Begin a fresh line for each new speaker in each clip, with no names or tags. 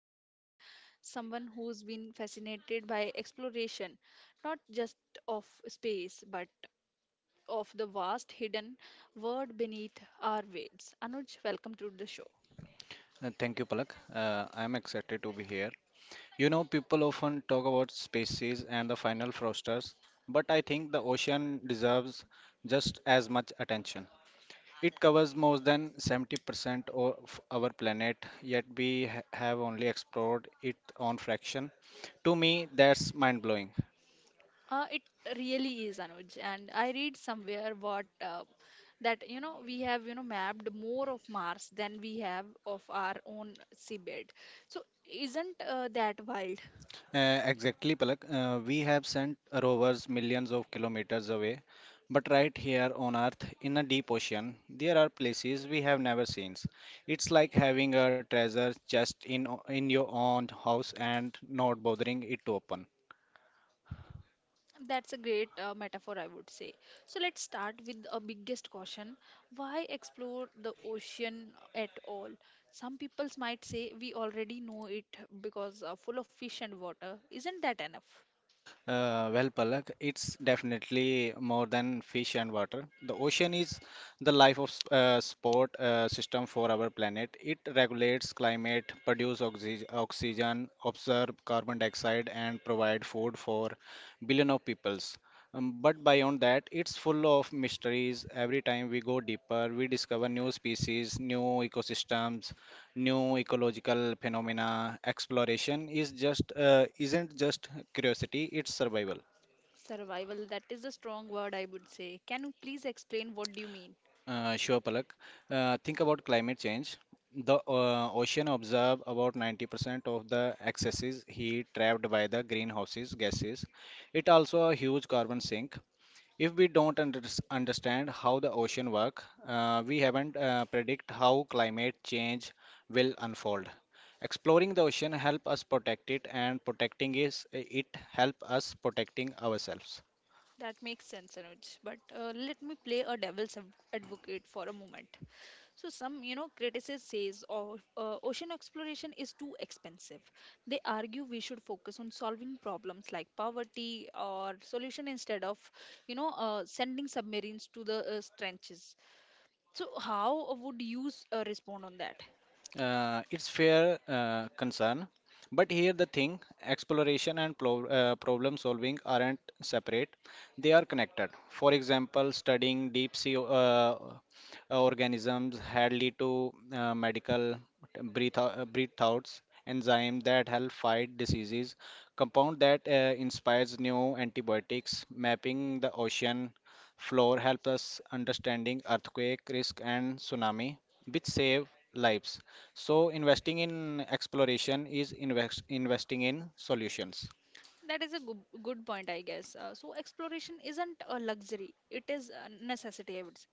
by Anuj, someone who's been fascinated by exploration, not just of space, but of the vast hidden world beneath our waves. Anuj, welcome to the show.
Thank you, Palak. I am excited to be here. You know, people often talk about species and the final frosters, but I think the ocean deserves just as much attention. It covers more than 70% of our planet, yet we have only explored it on fraction. To me, that's mind blowing.
It really is, Anuj. And I read somewhere what that we have mapped more of Mars than we have of our own seabed. So isn't that wild?
Exactly, Palak. We have sent rovers millions of kilometers away, but right here on Earth, in a deep ocean, there are places we have never seen. It's like having a treasure chest in your own house and not bothering it to open.
That's a great metaphor, I would say. So let's start with a biggest caution. Why explore the ocean at all? Some people might say we already know it because full of fish and water. Isn't that enough?
Well, Palak, it's definitely more than fish and water. The ocean is the sport system for our planet. It regulates climate, produce oxygen, absorb carbon dioxide, and provide food for billion of peoples. But beyond that, it's full of mysteries. Every time we go deeper, we discover new species, new ecosystems, new ecological phenomena exploration is just isn't just curiosity it's survival.
Survival, that is a strong word, I would say. Can you please explain what do you mean?
Sure, Palak. Think about climate change. The ocean absorb about 90% of the excesses heat trapped by the greenhouses gases. It also a huge carbon sink. If we don't understand how the ocean work, we haven't predict how climate change will unfold. Exploring the ocean help us protect it, and protecting is it help us protecting ourselves.
That makes sense, Anuj. But let me play a advocate for a moment. So some, you know, criticism says oh, ocean exploration is too expensive. They argue we should focus on solving problems like poverty or solution instead of, you know, sending submarines to the trenches. So how would you respond on that?
It's fair concern, but here the thing exploration and problem solving aren't separate, they are connected. For example, studying deep sea organisms had lead to medical breath outs, enzyme that help fight diseases, compound that inspires new antibiotics, mapping the ocean floor helps us understanding earthquake risk and tsunami, which save lives. So, investing in exploration is investing in solutions.
That is a good point, I guess. So exploration isn't a luxury; it is a necessity, I would say.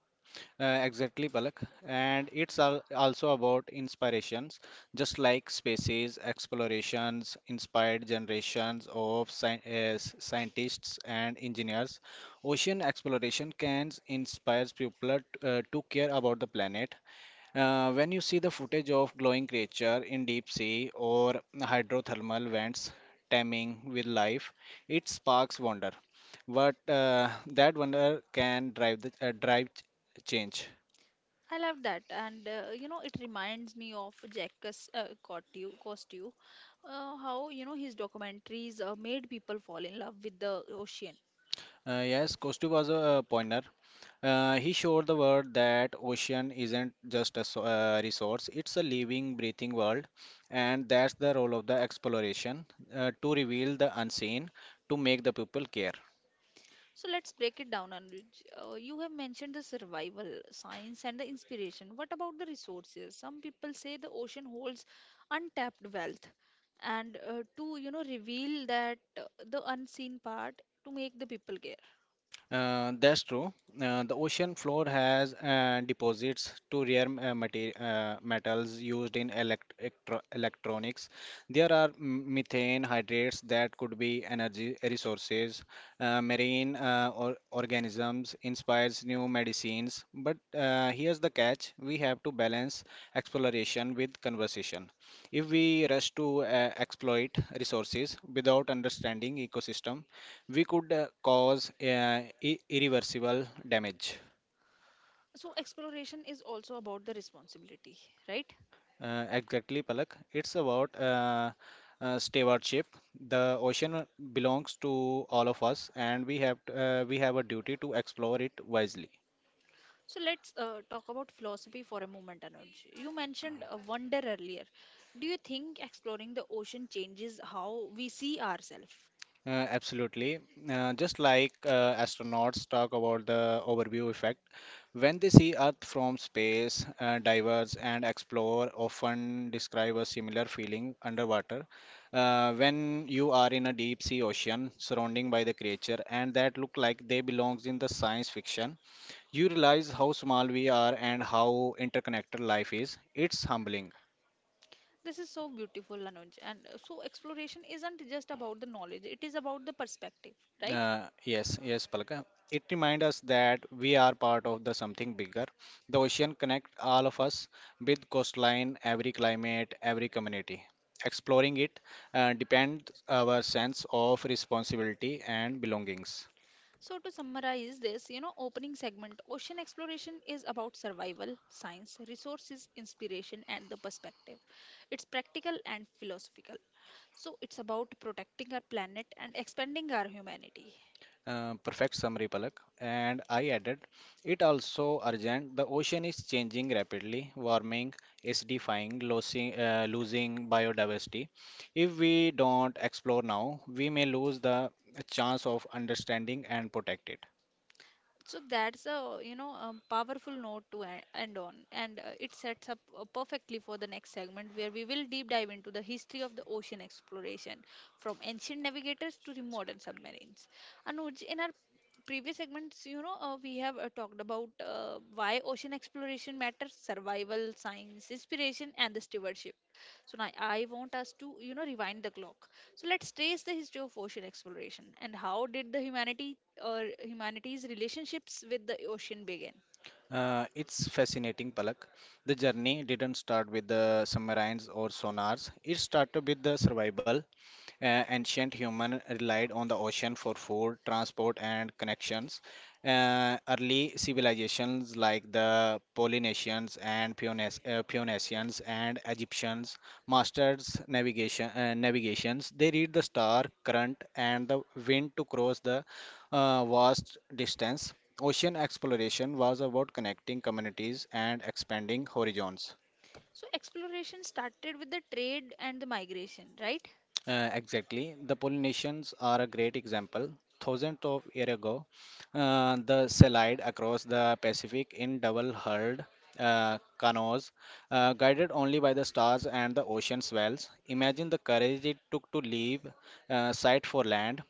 Exactly, Palak. And it's also about inspirations, just like spaces, explorations, inspired generations of scientists and engineers. Ocean exploration can inspire people to care about the planet. When you see the footage of glowing creature in deep sea or hydrothermal vents teeming with life, it sparks wonder. But that wonder can drive change.
I love that, and you know, it reminds me of Jack Costeau, how his documentaries made people fall in love with the ocean.
Yes, Kostu was a pointer. He showed the world that ocean isn't just a resource; it's a living, breathing world, and that's the role of the exploration to reveal the unseen, to make the people care.
So let's break it down, Anuj. You have mentioned the survival, science, and the inspiration. What about the resources? Some people say the ocean holds untapped wealth, and to reveal that the unseen part to make the people care.
That's true. The ocean floor has deposits to rare metals used in electronics. There are methane hydrates that could be energy resources. Marine organisms inspires new medicines. But here's the catch: we have to balance exploration with conversation. If we rush to exploit resources without understanding ecosystem, we could cause irreversible damage.
So exploration is also about the responsibility, right?
Exactly, Palak. It's about stewardship. The ocean belongs to all of us, and we have a duty to explore it wisely.
So let's talk about philosophy for a moment, Anuj. You mentioned wonder earlier. Do you think exploring the ocean changes how we see ourselves?
Absolutely. Just like astronauts talk about the overview effect, when they see Earth from space, divers and explorers often describe a similar feeling underwater. When you are in a deep sea ocean, surrounding by the creature, and that look like they belongs in the science fiction, you realize how small we are and how interconnected life is. It's humbling.
This is so beautiful, Anuj. And so, exploration isn't just about the knowledge, it is about the perspective, right?
Yes, yes, Palka. It reminds us that we are part of the something bigger. The ocean connects all of us with coastline, every climate, every community. Exploring it depends our sense of responsibility and belongings.
So, to summarize this, you know, opening segment ocean exploration is about survival, science, resources, inspiration, and the perspective. It's practical and philosophical. So, it's about protecting our planet and expanding our humanity.
Perfect summary, Palak. And I added, it also urgent. The ocean is changing rapidly, warming, acidifying, losing biodiversity. If we don't explore now, we may lose the chance of understanding and protect it.
So that's a a powerful note to end on, and it sets up perfectly for the next segment where we will deep dive into the history of the ocean exploration, from ancient navigators to the modern submarines. Anuj, in our previous segments, you know, we have talked about why ocean exploration matters, survival, science, inspiration, and the stewardship. So now I want us to, you know, rewind the clock. So let's trace the history of ocean exploration and how did the humanity or humanity's relationships with the ocean begin.
It's fascinating, Palak. The journey didn't start with the submarines or sonars. It started with the survival. Ancient human relied on the ocean for food, transport, and connections. Early civilizations like the Polynesians and Phoenicians and Egyptians mastered navigation. Navigations. They read the star, current, and the wind to cross the vast distance. Ocean exploration was about connecting communities and expanding horizons.
So exploration started with the trade and the migration, right?
Exactly. The Polynesians are a great example. Thousands of years ago, the sailed across the Pacific in double-hulled canoes, guided only by the stars and the ocean swells. Imagine the courage it took to leave sight for land,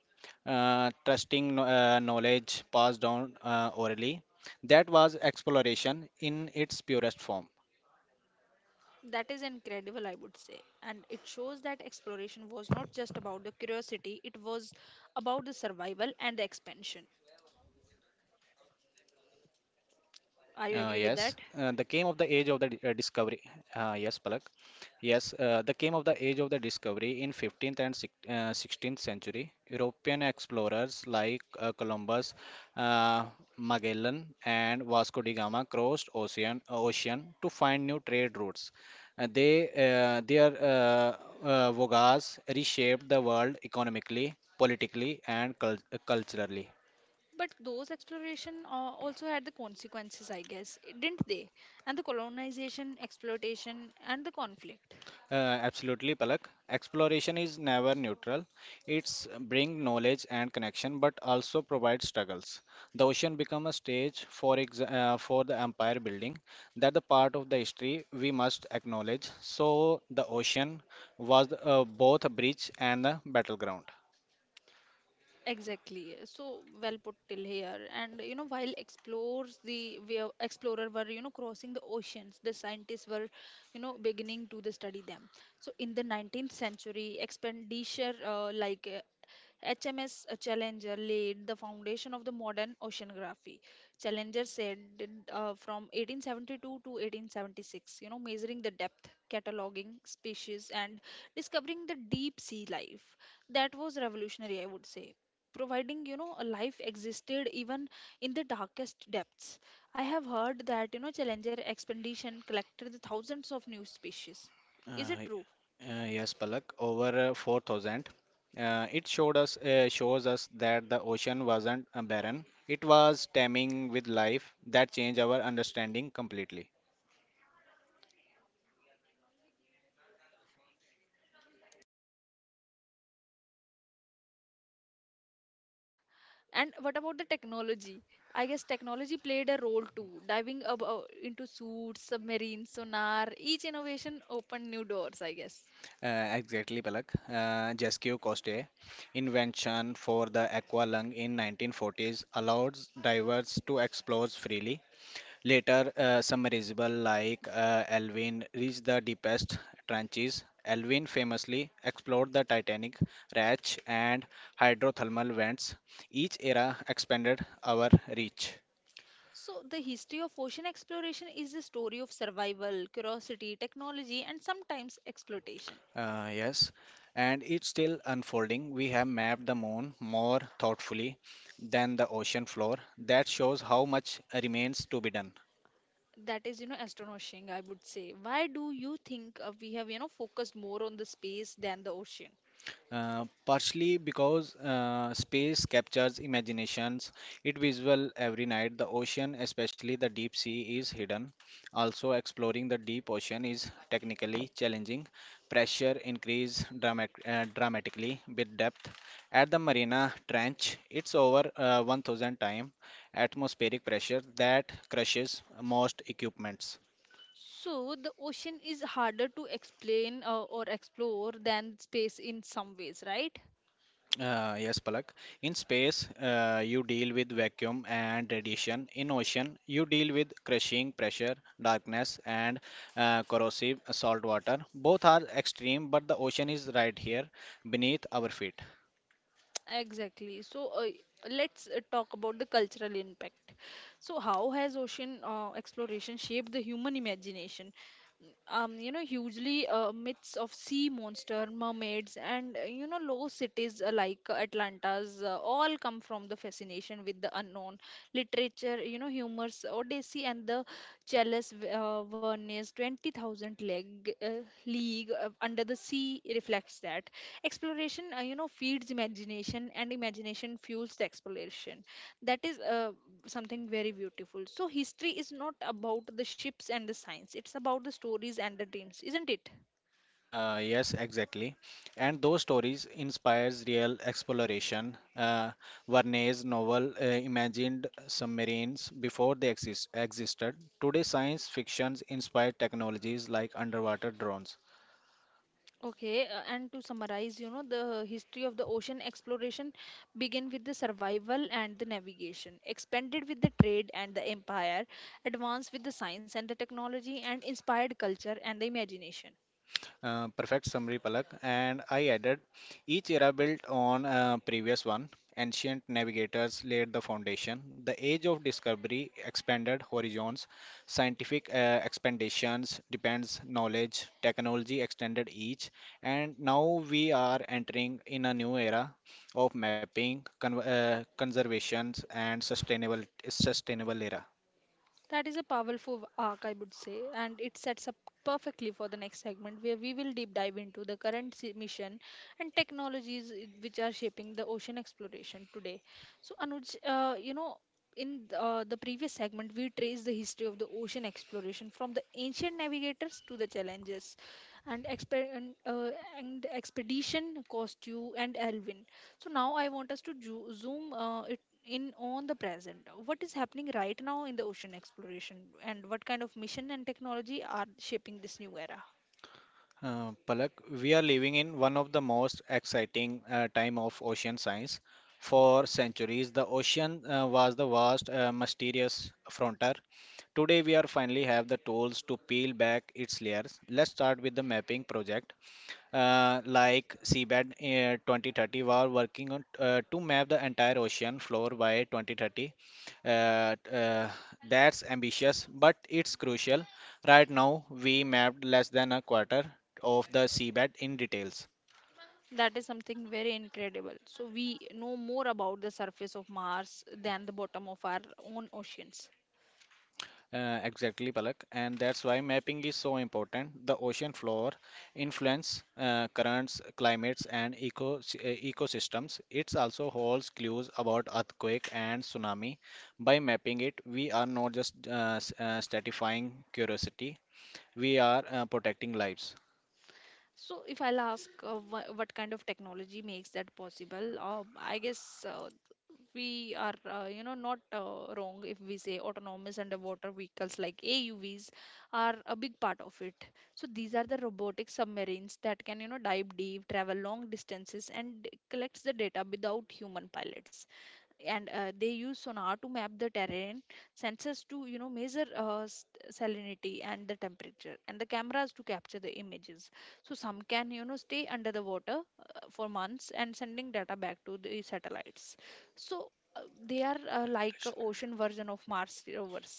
trusting knowledge passed down orally. That was exploration in its purest form.
That is incredible, I would say. And it shows that exploration was not just about the curiosity, it was about the survival and the expansion.
Yes,
Are you
the
agree
came
with
of the
that?
age of the di- discovery. Yes, Palak. Yes, the came of the age of the discovery in 15th and 16th century. European explorers like Columbus, uh, Magellan, and Vasco da Gama crossed ocean to find new trade routes. They their voyages reshaped the world economically, politically, and culturally.
But those exploration also had the consequences, I guess, didn't they? And the colonization, exploitation, and the conflict.
Uh, Absolutely, Palak. Exploration is never neutral. It's bring knowledge and connection, but also provides struggles. The ocean become a stage for for the empire building. That the part of the history we must acknowledge. So the ocean was both a bridge and a battleground.
Exactly. So well put till here. And you know, while explorer were crossing the oceans, the scientists were beginning to the study them. So in the 19th century, expenditure like HMS Challenger laid the foundation of the modern oceanography. Challenger sailed from 1872 to 1876, you know, measuring the depth, cataloging species, and discovering the deep sea life. That was revolutionary, I would say, providing a life existed even in the darkest depths. I have heard that challenger expedition collected the thousands of new species. Is it
Uh,
true?
yes, Palak, over 4,000. It showed us shows us that the ocean wasn't barren. It was teeming with life that changed our understanding completely.
And what about the technology? I guess technology played a role too, diving into suits, submarines, sonar. Each innovation opened new doors, I guess.
Exactly, Palak. Jesque Coste, invention for the aqualung in 1940s, allowed divers to explore freely. Later, submersible like Alvin reached the deepest trenches. Alvin famously explored the Titanic, Ratch, and hydrothermal vents. Each era expanded our reach.
So, the history of ocean exploration is a story of survival, curiosity, technology, and sometimes exploitation.
Yes, and it's still unfolding. We have mapped the moon more thoughtfully than the ocean floor. That shows how much remains to be done.
That is, you know, astonishing, I would say. Why do you think we have, you know, focused more on the space than the ocean?
Partially because space captures imaginations, it visual every night. The ocean, especially the deep sea, is hidden. Also, exploring the deep ocean is technically challenging. Pressure increase dramatically with depth. At the Marina Trench, it's over 1000 time atmospheric pressure that crushes most equipments.
So, the ocean is harder to explain or explore than space in some ways, right?
Yes, Palak. In space, you deal with vacuum and radiation. In ocean, you deal with crushing pressure, darkness, and corrosive salt water. Both are extreme, but the ocean is right here beneath our feet.
Exactly. So let's talk about the cultural impact. So how has ocean exploration shaped the human imagination? You know, hugely myths of sea monster, mermaids, and you know, low cities like Atlanta's all come from the fascination with the unknown. Literature, you know, humor's Odyssey and the Chalice Verne's 20,000 leg uh, league under the sea reflects that exploration, you know, feeds imagination and imagination fuels the exploration. That is something very beautiful. So history is not about the ships and the science, it's about the stories and the dreams, isn't it?
Yes, exactly. And those stories inspires real exploration. Verne's novel imagined submarines before they existed. Today, science fictions inspire technologies like underwater drones.
Okay, and to summarize, you know, the history of the ocean exploration began with the survival and the navigation, expanded with the trade and the empire, advanced with the science and the technology, and inspired culture and the imagination.
Perfect summary, Palak. And I added each era built on previous one. Ancient navigators laid the foundation. The age of discovery expanded horizons. Scientific expansions depends knowledge. Technology extended each. And now we are entering in a new era of mapping, conservations, and sustainable era.
That is a powerful arc, I would say, and it sets up perfectly for the next segment where we will deep dive into the current mission and technologies which are shaping the ocean exploration today. So, Anuj, you know, in the previous segment, we traced the history of the ocean exploration from the ancient navigators to the challenges and and expedition, Costew, and Alvin. So, now I want us to zoom it in on the present. What is happening right now in the ocean exploration, and what kind of mission and technology are shaping this new era?
Palak, we are living in one of the most exciting time of ocean science. For centuries, the ocean was the vast, mysterious frontier. Today, we are finally have the tools to peel back its layers. Let's start with the mapping project like seabed 2030 were working on to map the entire ocean floor by 2030. uh, uh, that's ambitious but it's crucial. Right now we mapped less than a quarter of the seabed in details.
That is something very incredible. So we know more about the surface of Mars than the bottom of our own oceans.
Exactly, Palak, and that's why mapping is so important. The ocean floor influence currents, climates, and ecosystems. It also holds clues about earthquake and tsunami. By mapping it, we are not just satisfying curiosity; we are protecting lives.
So, if I'll ask what kind of technology makes that possible, I guess we are, you know, not wrong if we say autonomous underwater vehicles like AUVs are a big part of it. So, these are the robotic submarines that can, you know, dive deep, travel long distances, and collects the data without human pilots, and they use sonar to map the terrain, sensors to measure salinity and the temperature, and the cameras to capture the images. So some can, you know, stay under the water for months and sending data back to the satellites. So uh, they are like a ocean version of Mars rovers.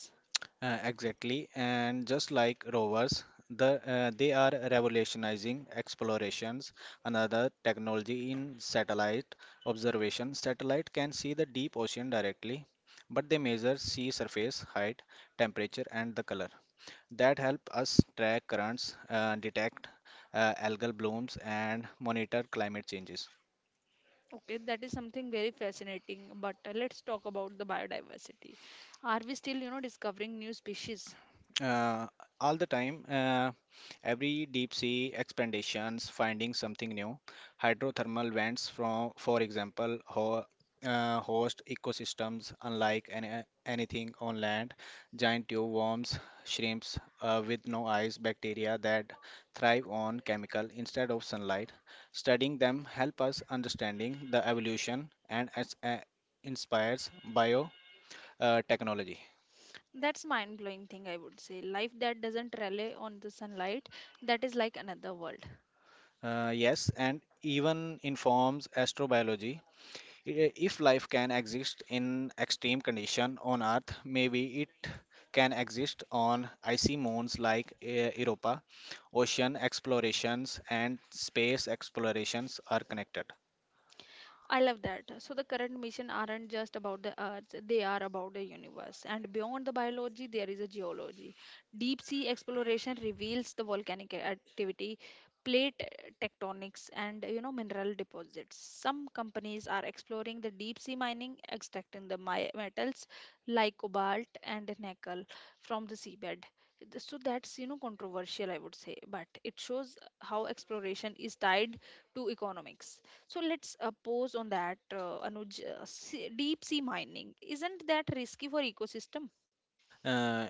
Exactly, and just like rovers, they are revolutionizing explorations. Another technology in satellite observation. Satellite can see the deep ocean directly, but they measure sea surface height, temperature, and the color. That help us track currents, detect algal blooms, and monitor climate changes.
Okay, that is something very fascinating. But let's talk about the biodiversity. Are we still, you know, discovering new species?
uh, all the time. Every deep sea expeditions finding something new. Hydrothermal vents, from, for example, ho host ecosystems unlike anything on land. Giant tube worms, shrimps with no eyes, bacteria that thrive on chemical instead of sunlight. Studying them help us understanding the evolution and inspires biotechnology.
That's mind blowing thing, I would say. Life that doesn't rely on the sunlight, that is like another world.
Yes, and even informs astrobiology. If life can exist in extreme condition on Earth, maybe it can exist on icy moons like Europa. Ocean explorations and space explorations are connected.
I love that. So the current mission aren't just about the earth, they are about the universe. And beyond the biology, there is a geology. Deep sea exploration reveals the volcanic activity, plate tectonics, and you know, mineral deposits. Some companies are exploring the deep sea mining, extracting the metals like cobalt and nickel from the seabed. So that's, you know, controversial, I would say, but it shows how exploration is tied to economics. So let's pause on that, Anuj. Deep sea mining isn't that risky for ecosystem?
Uh,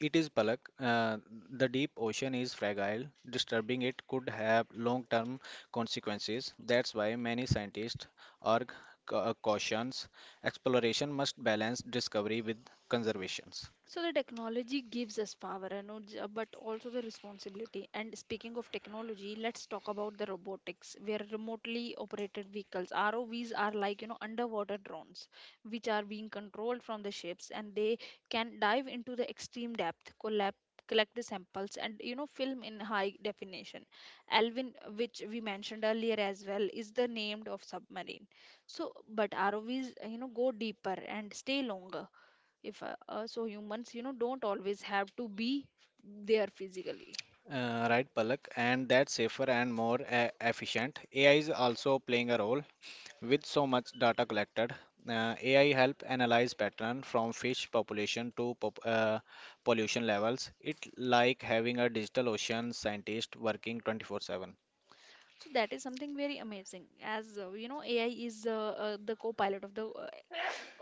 it is, Palak. The deep ocean is fragile. Disturbing it could have long term consequences. That's why many scientists are cautions exploration must balance discovery with conservations.
So the technology gives us power, you know, but also the responsibility. And speaking of technology, let's talk about the robotics, where remotely operated vehicles (ROVs) are like underwater drones, which are being controlled from the ships, and they can dive into the extreme depth, collab collect the samples and film in high definition. Alvin, which we mentioned earlier as well, is the name of submarine. So but ROVs go deeper and stay longer if also humans don't always have to be there physically.
Right, Palak, and that's safer and more efficient. AI is also playing a role. With so much data collected, AI help analyze pattern from fish population to pollution levels. It like having a digital ocean scientist working 24/7.
So that is something very amazing as AI is the co-pilot of the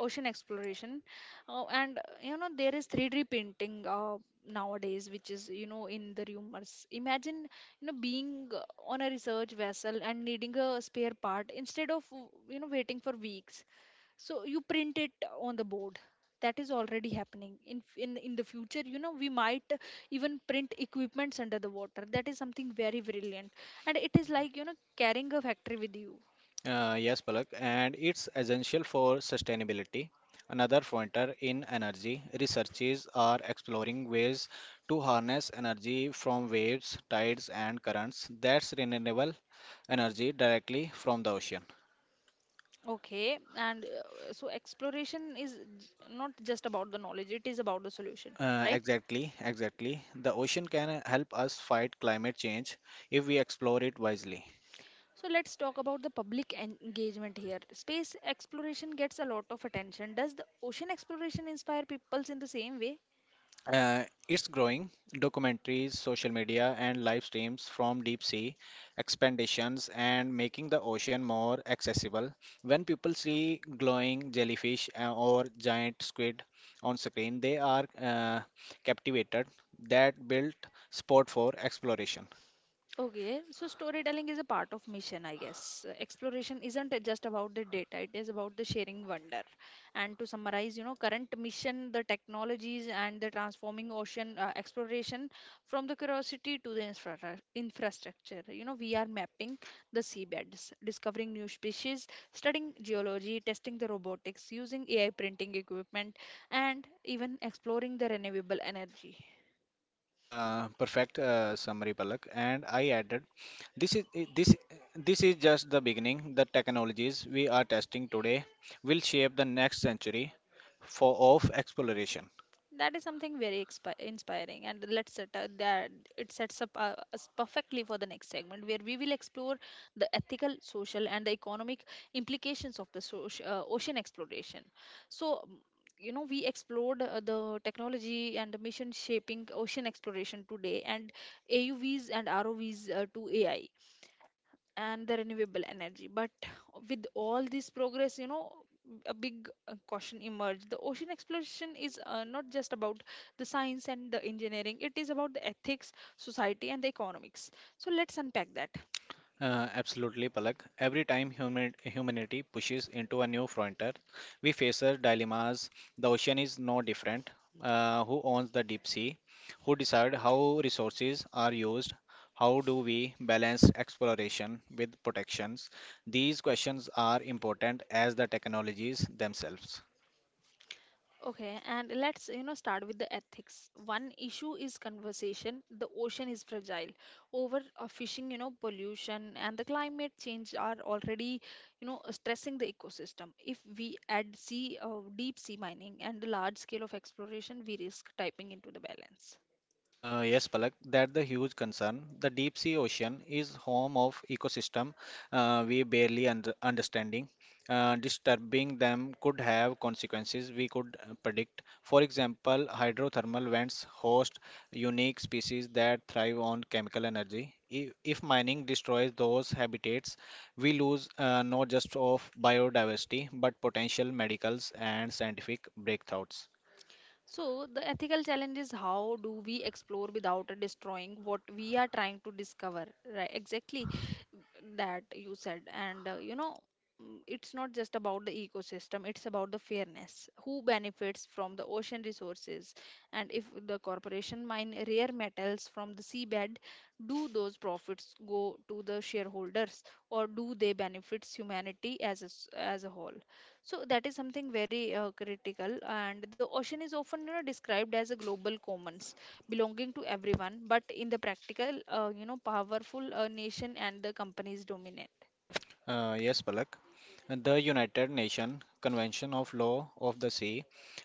ocean exploration. And there is 3D printing nowadays, which is in the rumors. Imagine being on a research vessel and needing a spare part. Instead of waiting for weeks, so you print it on the board. That is already happening in the future. We might even print equipments under the water. That is something very brilliant, and it is like carrying a factory with you.
Yes, Palak, and it's essential for sustainability. Another pointer in energy, researchers are exploring ways to harness energy from waves, tides, and currents that's renewable energy directly from the ocean.
Okay, and so exploration is not just about the knowledge, it is about the solution, right?
Exactly, exactly. The ocean can help us fight climate change if we explore it wisely.
So let's talk about the public engagement here. Space exploration gets a lot of attention. Does the ocean exploration inspire peoples in the same way?
It's growing. Documentaries, social media, and live streams from deep sea expeditions and making the ocean more accessible. When people see glowing jellyfish or giant squid on screen, they are captivated. That built sport for exploration.
Okay, so storytelling is a part of mission, I guess. Exploration isn't just about the data, it is about the sharing wonder. And to summarize, current mission, the technologies and the transforming ocean exploration from the curiosity to the infrastructure. You know, we are mapping the seabeds, discovering new species, studying geology, testing the robotics, using AI printing equipment, and even exploring the renewable energy.
Perfect summary, Palak. And I added, this is i- this this is just the beginning. The technologies we are testing today will shape the next century for of exploration.
That is something very expi inspiring, and let's set that it sets up us perfectly for the next segment where we will explore the ethical, social and the economic implications of the ocean exploration. So we explored the technology and the mission shaping ocean exploration today, and AUVs and ROVs to AI and the renewable energy. But with all this progress, a big caution emerged. The ocean exploration is not just about the science and the engineering, it is about the ethics, society, and the economics. So let's unpack that.
Absolutely, Palak. Every time human, humanity pushes into a new frontier, we face a dilemmas. The ocean is no different. Who owns the deep sea? Who decide how resources are used? How do we balance exploration with protections? These questions are important as the technologies themselves.
Okay, and let's start with the ethics. One issue is conversation. The ocean is fragile. Over fishing, pollution and the climate change are already, stressing the ecosystem. If we add sea, deep sea mining and large scale of exploration, we risk typing into the balance.
Yes, Palak, that's the huge concern. The deep sea ocean is home of ecosystem we barely under understanding. Disturbing them could have consequences we could predict. For example, hydrothermal vents host unique species that thrive on chemical energy. If mining destroys those habitats, we lose not just of biodiversity but potential medicals and scientific breakthroughs.
So the ethical challenge is, how do we explore without destroying what we are trying to discover, right? Exactly that you said. And it's not just about the ecosystem, it's about the fairness. Who benefits from the ocean resources? And if the corporation mine rare metals from the seabed, do those profits go to the shareholders, or do they benefits humanity as a, as a whole? So that is something very critical, and the ocean is often described as a global commons belonging to everyone, but in the practical, powerful nation and the companies dominate.
Yes, Palak. The United Nations Convention of Law of the Sea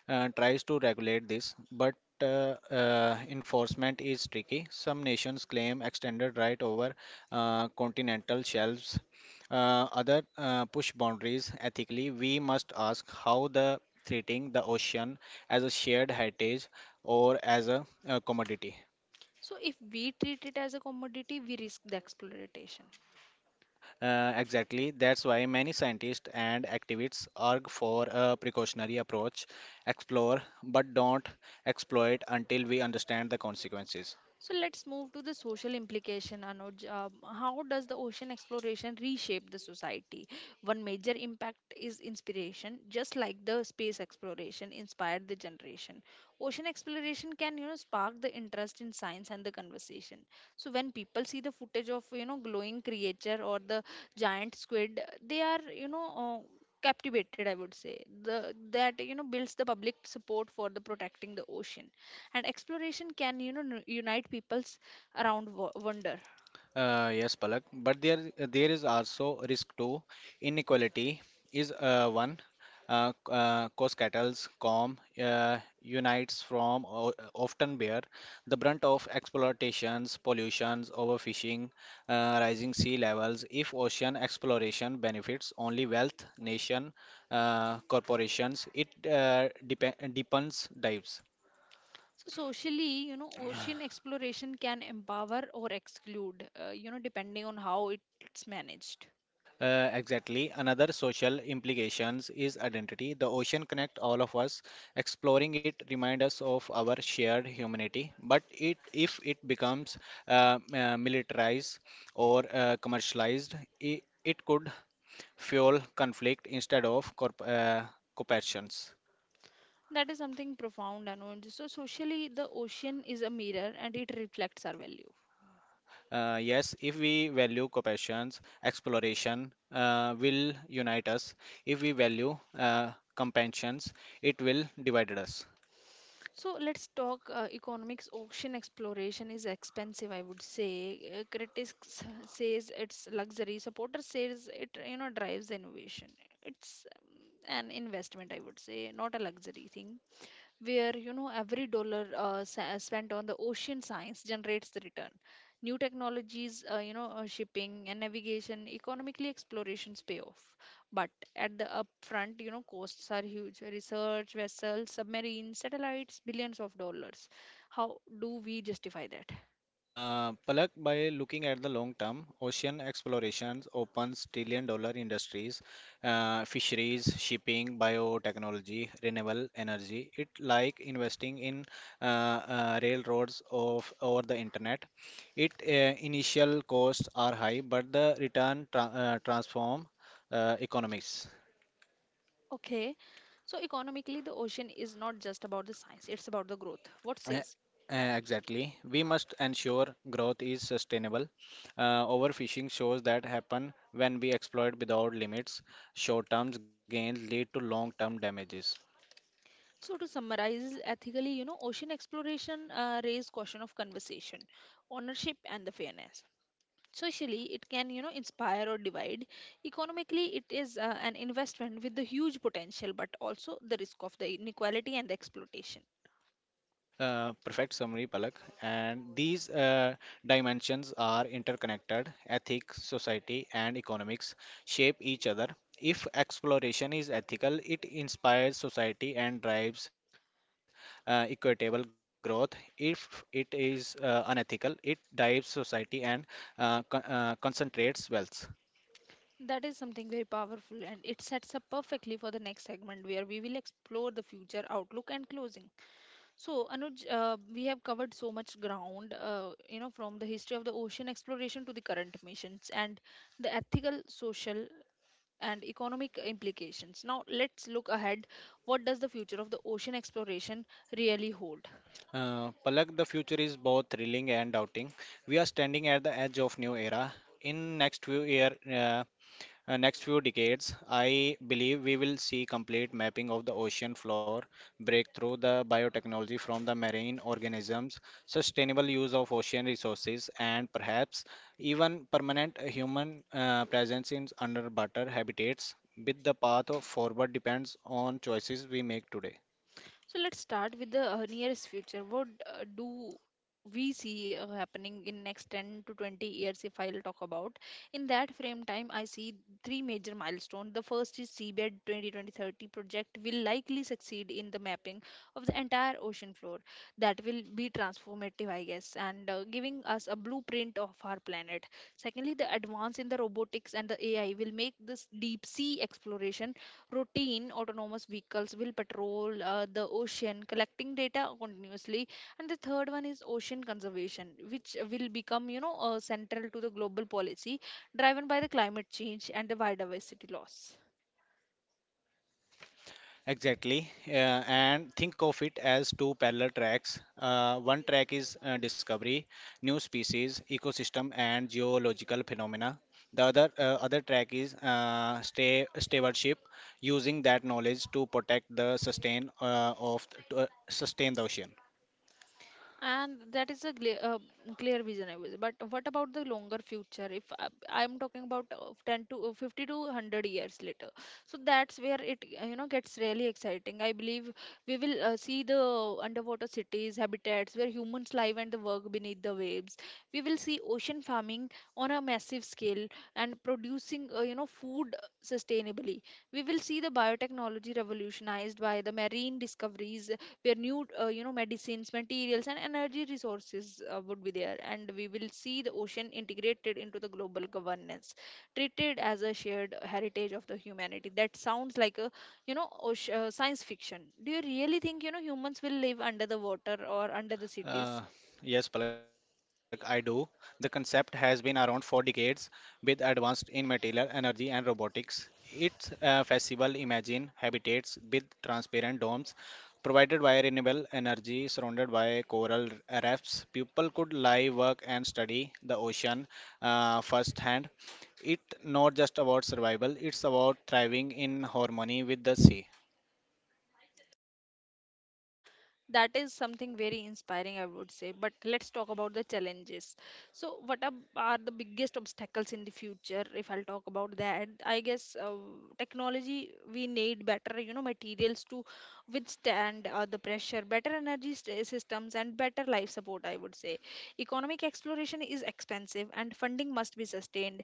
tries to regulate this, but enforcement is tricky. Some nations claim extended right over continental shelves. Other push boundaries ethically. We must ask how the treating the ocean as a shared heritage or as a commodity.
So if we treat it as a commodity, we risk the exploitation.
Exactly. That's why many scientists and activists argue for a precautionary approach, explore but don't exploit until we understand the consequences.
So let's move to the social implication, Anuj. How does the ocean exploration reshape the society? One major impact is inspiration, just like the space exploration inspired the generation. Ocean exploration can, spark the interest in science and the conversation. So when people see the footage of, glowing creature or the giant squid, they are, captivated, I would say. The that builds the public support for the protecting the ocean, and exploration can unite peoples around wonder.
Yes, Palak, but there is also risk too. Inequality is one. Cause cattle's com unites from o- often bear the brunt of exploitations, pollutions, overfishing, rising sea levels. If ocean exploration benefits only wealth, nation, corporations, it depe- deepens dives.
So socially, ocean exploration can empower or exclude, depending on how it's managed.
Exactly. Another social implications is identity. The ocean connect all of us. Exploring it remind us of our shared humanity. But it, if it becomes militarized or commercialized, it could fuel conflict instead of cooperations.
That is something profound, and so socially the ocean is a mirror and it reflects our value.
Yes, if we value cooperations, exploration will unite us. If we value companions, it will divide us.
So let's talk economics. Ocean exploration is expensive, I would say. Critics says it's luxury. Supporters says it drives the innovation. It's an investment, I would say, not a luxury thing, where every dollar spent on the ocean science generates the return. New technologies, shipping and navigation, economically explorations pay off. But at the upfront, costs are huge. Research vessels, submarines, satellites, billions of dollars. How do we justify that?
Palak, by looking at the long term, ocean explorations opens trillion dollar industries, fisheries, shipping, biotechnology, renewable energy. It like investing in railroads of or the internet. It initial costs are high, but the return transform economics.
Okay, so economically the ocean is not just about the science, it's about the growth. What
Eh,
says?
Exactly. We must ensure growth is sustainable. Overfishing shows that happen when we exploit without limits. Short-term gains lead to long-term damages.
So to summarize, ethically, ocean exploration raise question of conversation, ownership, and the fairness. Socially, it can inspire or divide. Economically, it is an investment with the huge potential, but also the risk of the inequality and the exploitation.
Perfect summary, Palak. And these dimensions are interconnected. Ethics, society, and economics shape each other. If exploration is ethical, it inspires society and drives equitable growth. If it is unethical, it drives society and concentrates wealth.
That is something very powerful, and it sets up perfectly for the next segment where we will explore the future outlook and closing. So, Anuj, we have covered so much ground, from the history of the ocean exploration to the current missions and the ethical, social, and economic implications. Now, let's look ahead. What does the future of the ocean exploration really hold?
Palak, the future is both thrilling and doubting. We are standing at the edge of new era. In next few year, next few decades, I believe we will see complete mapping of the ocean floor, breakthrough the biotechnology from the marine organisms, sustainable use of ocean resources, and perhaps even permanent human presence in underwater habitats. With the path of forward depends on choices we make today.
So let's start with the nearest future. What do we see happening in next 10 to 20 years, if I'll talk about? In that frame time, I see three major milestones. The first is seabed 202030 project will likely succeed in the mapping of the entire ocean floor. That will be transformative, I guess, and giving us a blueprint of our planet. Secondly, the advance in the robotics and the AI will make this deep sea exploration routine. Autonomous vehicles will patrol the ocean collecting data continuously. And the third one is ocean conservation, which will become central to the global policy, driven by the climate change and the biodiversity loss.
Uh, Exactly, and think of it as two parallel tracks. One track is discovery, new species, ecosystem, and geological phenomena. The other track is stewardship, using that knowledge to protect the sustain sustain the ocean.
And that is a clear, clear vision, I was. But what about the longer future? If I, I'm talking about 10 to 50 to 100 years later. So that's where it gets really exciting. I believe we will see the underwater cities, habitats where humans live and the work beneath the waves. We will see ocean farming on a massive scale and producing food sustainably. We will see the biotechnology revolutionized by the marine discoveries, where new, medicines, materials and energy resources would be there. And we will see the ocean integrated into the global governance, treated as a shared heritage of the humanity. That sounds like a ocean, science fiction. Do you really think humans will live under the water or under the cities?
Uh,
Yeah.
yes, Palak, I do. The concept has been around for decades with advanced in material energy and robotics. Its festival imagine habitats with transparent domes provided by renewable energy surrounded by coral reefs. People could live, work, and study the ocean firsthand. It's not just about survival, it's about thriving in harmony with the sea.
That is something very inspiring, I would say, but let's talk about the challenges. So what are the biggest obstacles in the future? If I'll talk about that, I guess, technology, we need better, materials to withstand the pressure, better energy systems and better life support, I would say. Economic, exploration is expensive and funding must be sustained.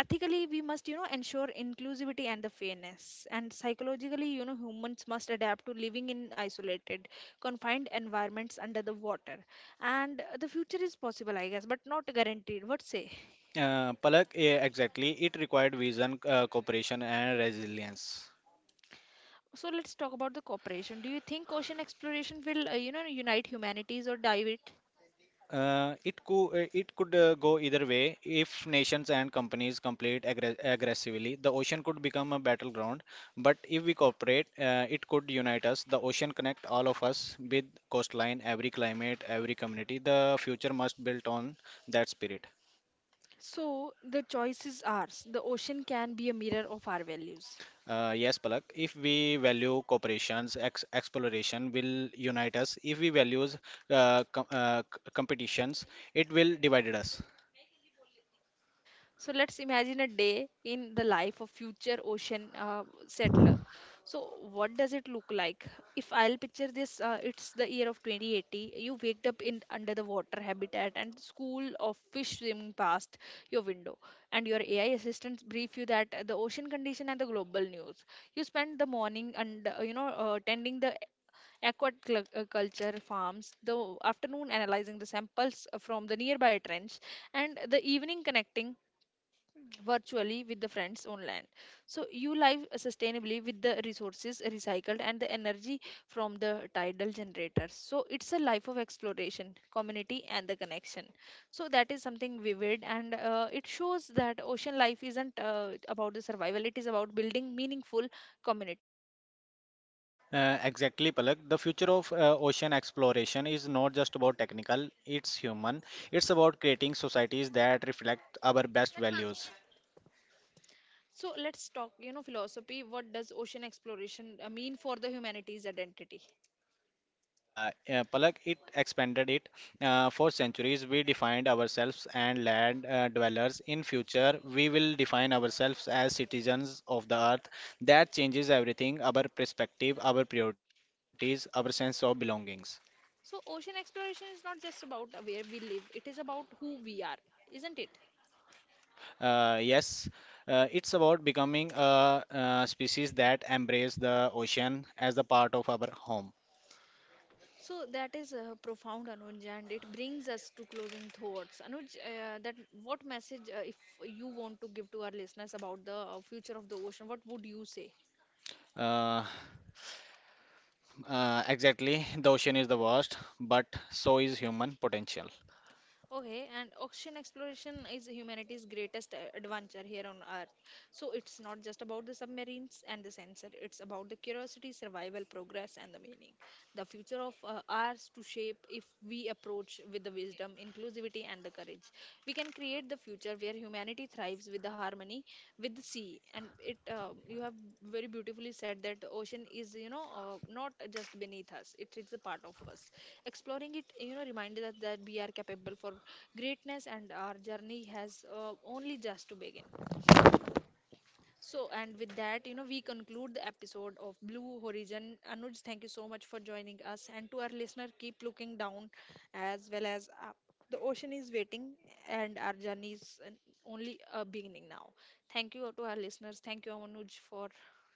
Ethically we must ensure inclusivity and the fairness. And psychologically, humans must adapt to living in isolated, confined environments under the water. And the future is possible, I guess, but not guaranteed. What say?
Palak, yeah, exactly. It required vision, cooperation, and resilience.
So let's talk about the cooperation. Do you think ocean exploration will, unite humanities or dive it?
It could go either way. If nations and companies compete aggressively, the ocean could become a battleground. But if we cooperate, it could unite us. The ocean connect all of us with coastline, every climate, every community. The future must build on that spirit.
So the choice is ours. The ocean can be a mirror of our values.
Yes, Palak. If we value cooperations, ex exploration will unite us. If we values competitions, it will divide us.
So let's imagine a day in the life of future ocean settler. So what does it look like? If I'll picture this, it's the year of 2080. You waked up in under the water habitat, and school of fish swimming past your window, and your AI assistants brief you that the ocean condition and the global news. You spend the morning and tending the aquaculture farms, the afternoon analyzing the samples from the nearby trench, and the evening connecting virtually with the friends on land. So you live sustainably with the resources recycled and the energy from the tidal generators. So it's a life of exploration, community and the connection. So that is something vivid, and it shows that ocean life isn't about the survival, it is about building meaningful community.
Exactly, Palak. The future of ocean exploration is not just about technical, it's human. It's about creating societies that reflect our best values.
So let's talk, philosophy. What does ocean exploration mean for the humanity's identity?
Palak, it expanded it. For centuries, we defined ourselves and land dwellers. In future, we will define ourselves as citizens of the earth. That changes everything: our perspective, our priorities, our sense of belongings.
So ocean exploration is not just about where we live, it is about who we are, isn't it?
Yes, it's about becoming a, species that embrace the ocean as the part of our home.
So that is profound, Anuj, and it brings us to closing thoughts. Anuj, that what message, if you want to give to our listeners about the future of the ocean, what would you say?
Uh, exactly, the ocean is the worst, but so is human potential.
Okay, and ocean exploration is humanity's greatest adventure here on Earth. So it's not just about the submarines and the sensor, it's about the curiosity, survival, progress, and the meaning. The future of ours to shape if we approach with the wisdom, inclusivity, and the courage. We can create the future where humanity thrives with the harmony with the sea. And it, you have very beautifully said that the ocean is, not just beneath us; it is a part of us. Exploring it, reminded us that we are capable for greatness and our journey has only just begun. So, and with that, we conclude the episode of Blue Horizon. Anuj, thank you so much for joining us. And to our listener, keep looking down as well as up. The ocean is waiting, and our journey is only a beginning now. Thank you to our listeners. Thank you, Anuj, for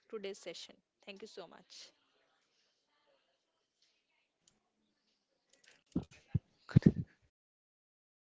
today's session. Thank you so much.
खत्म हो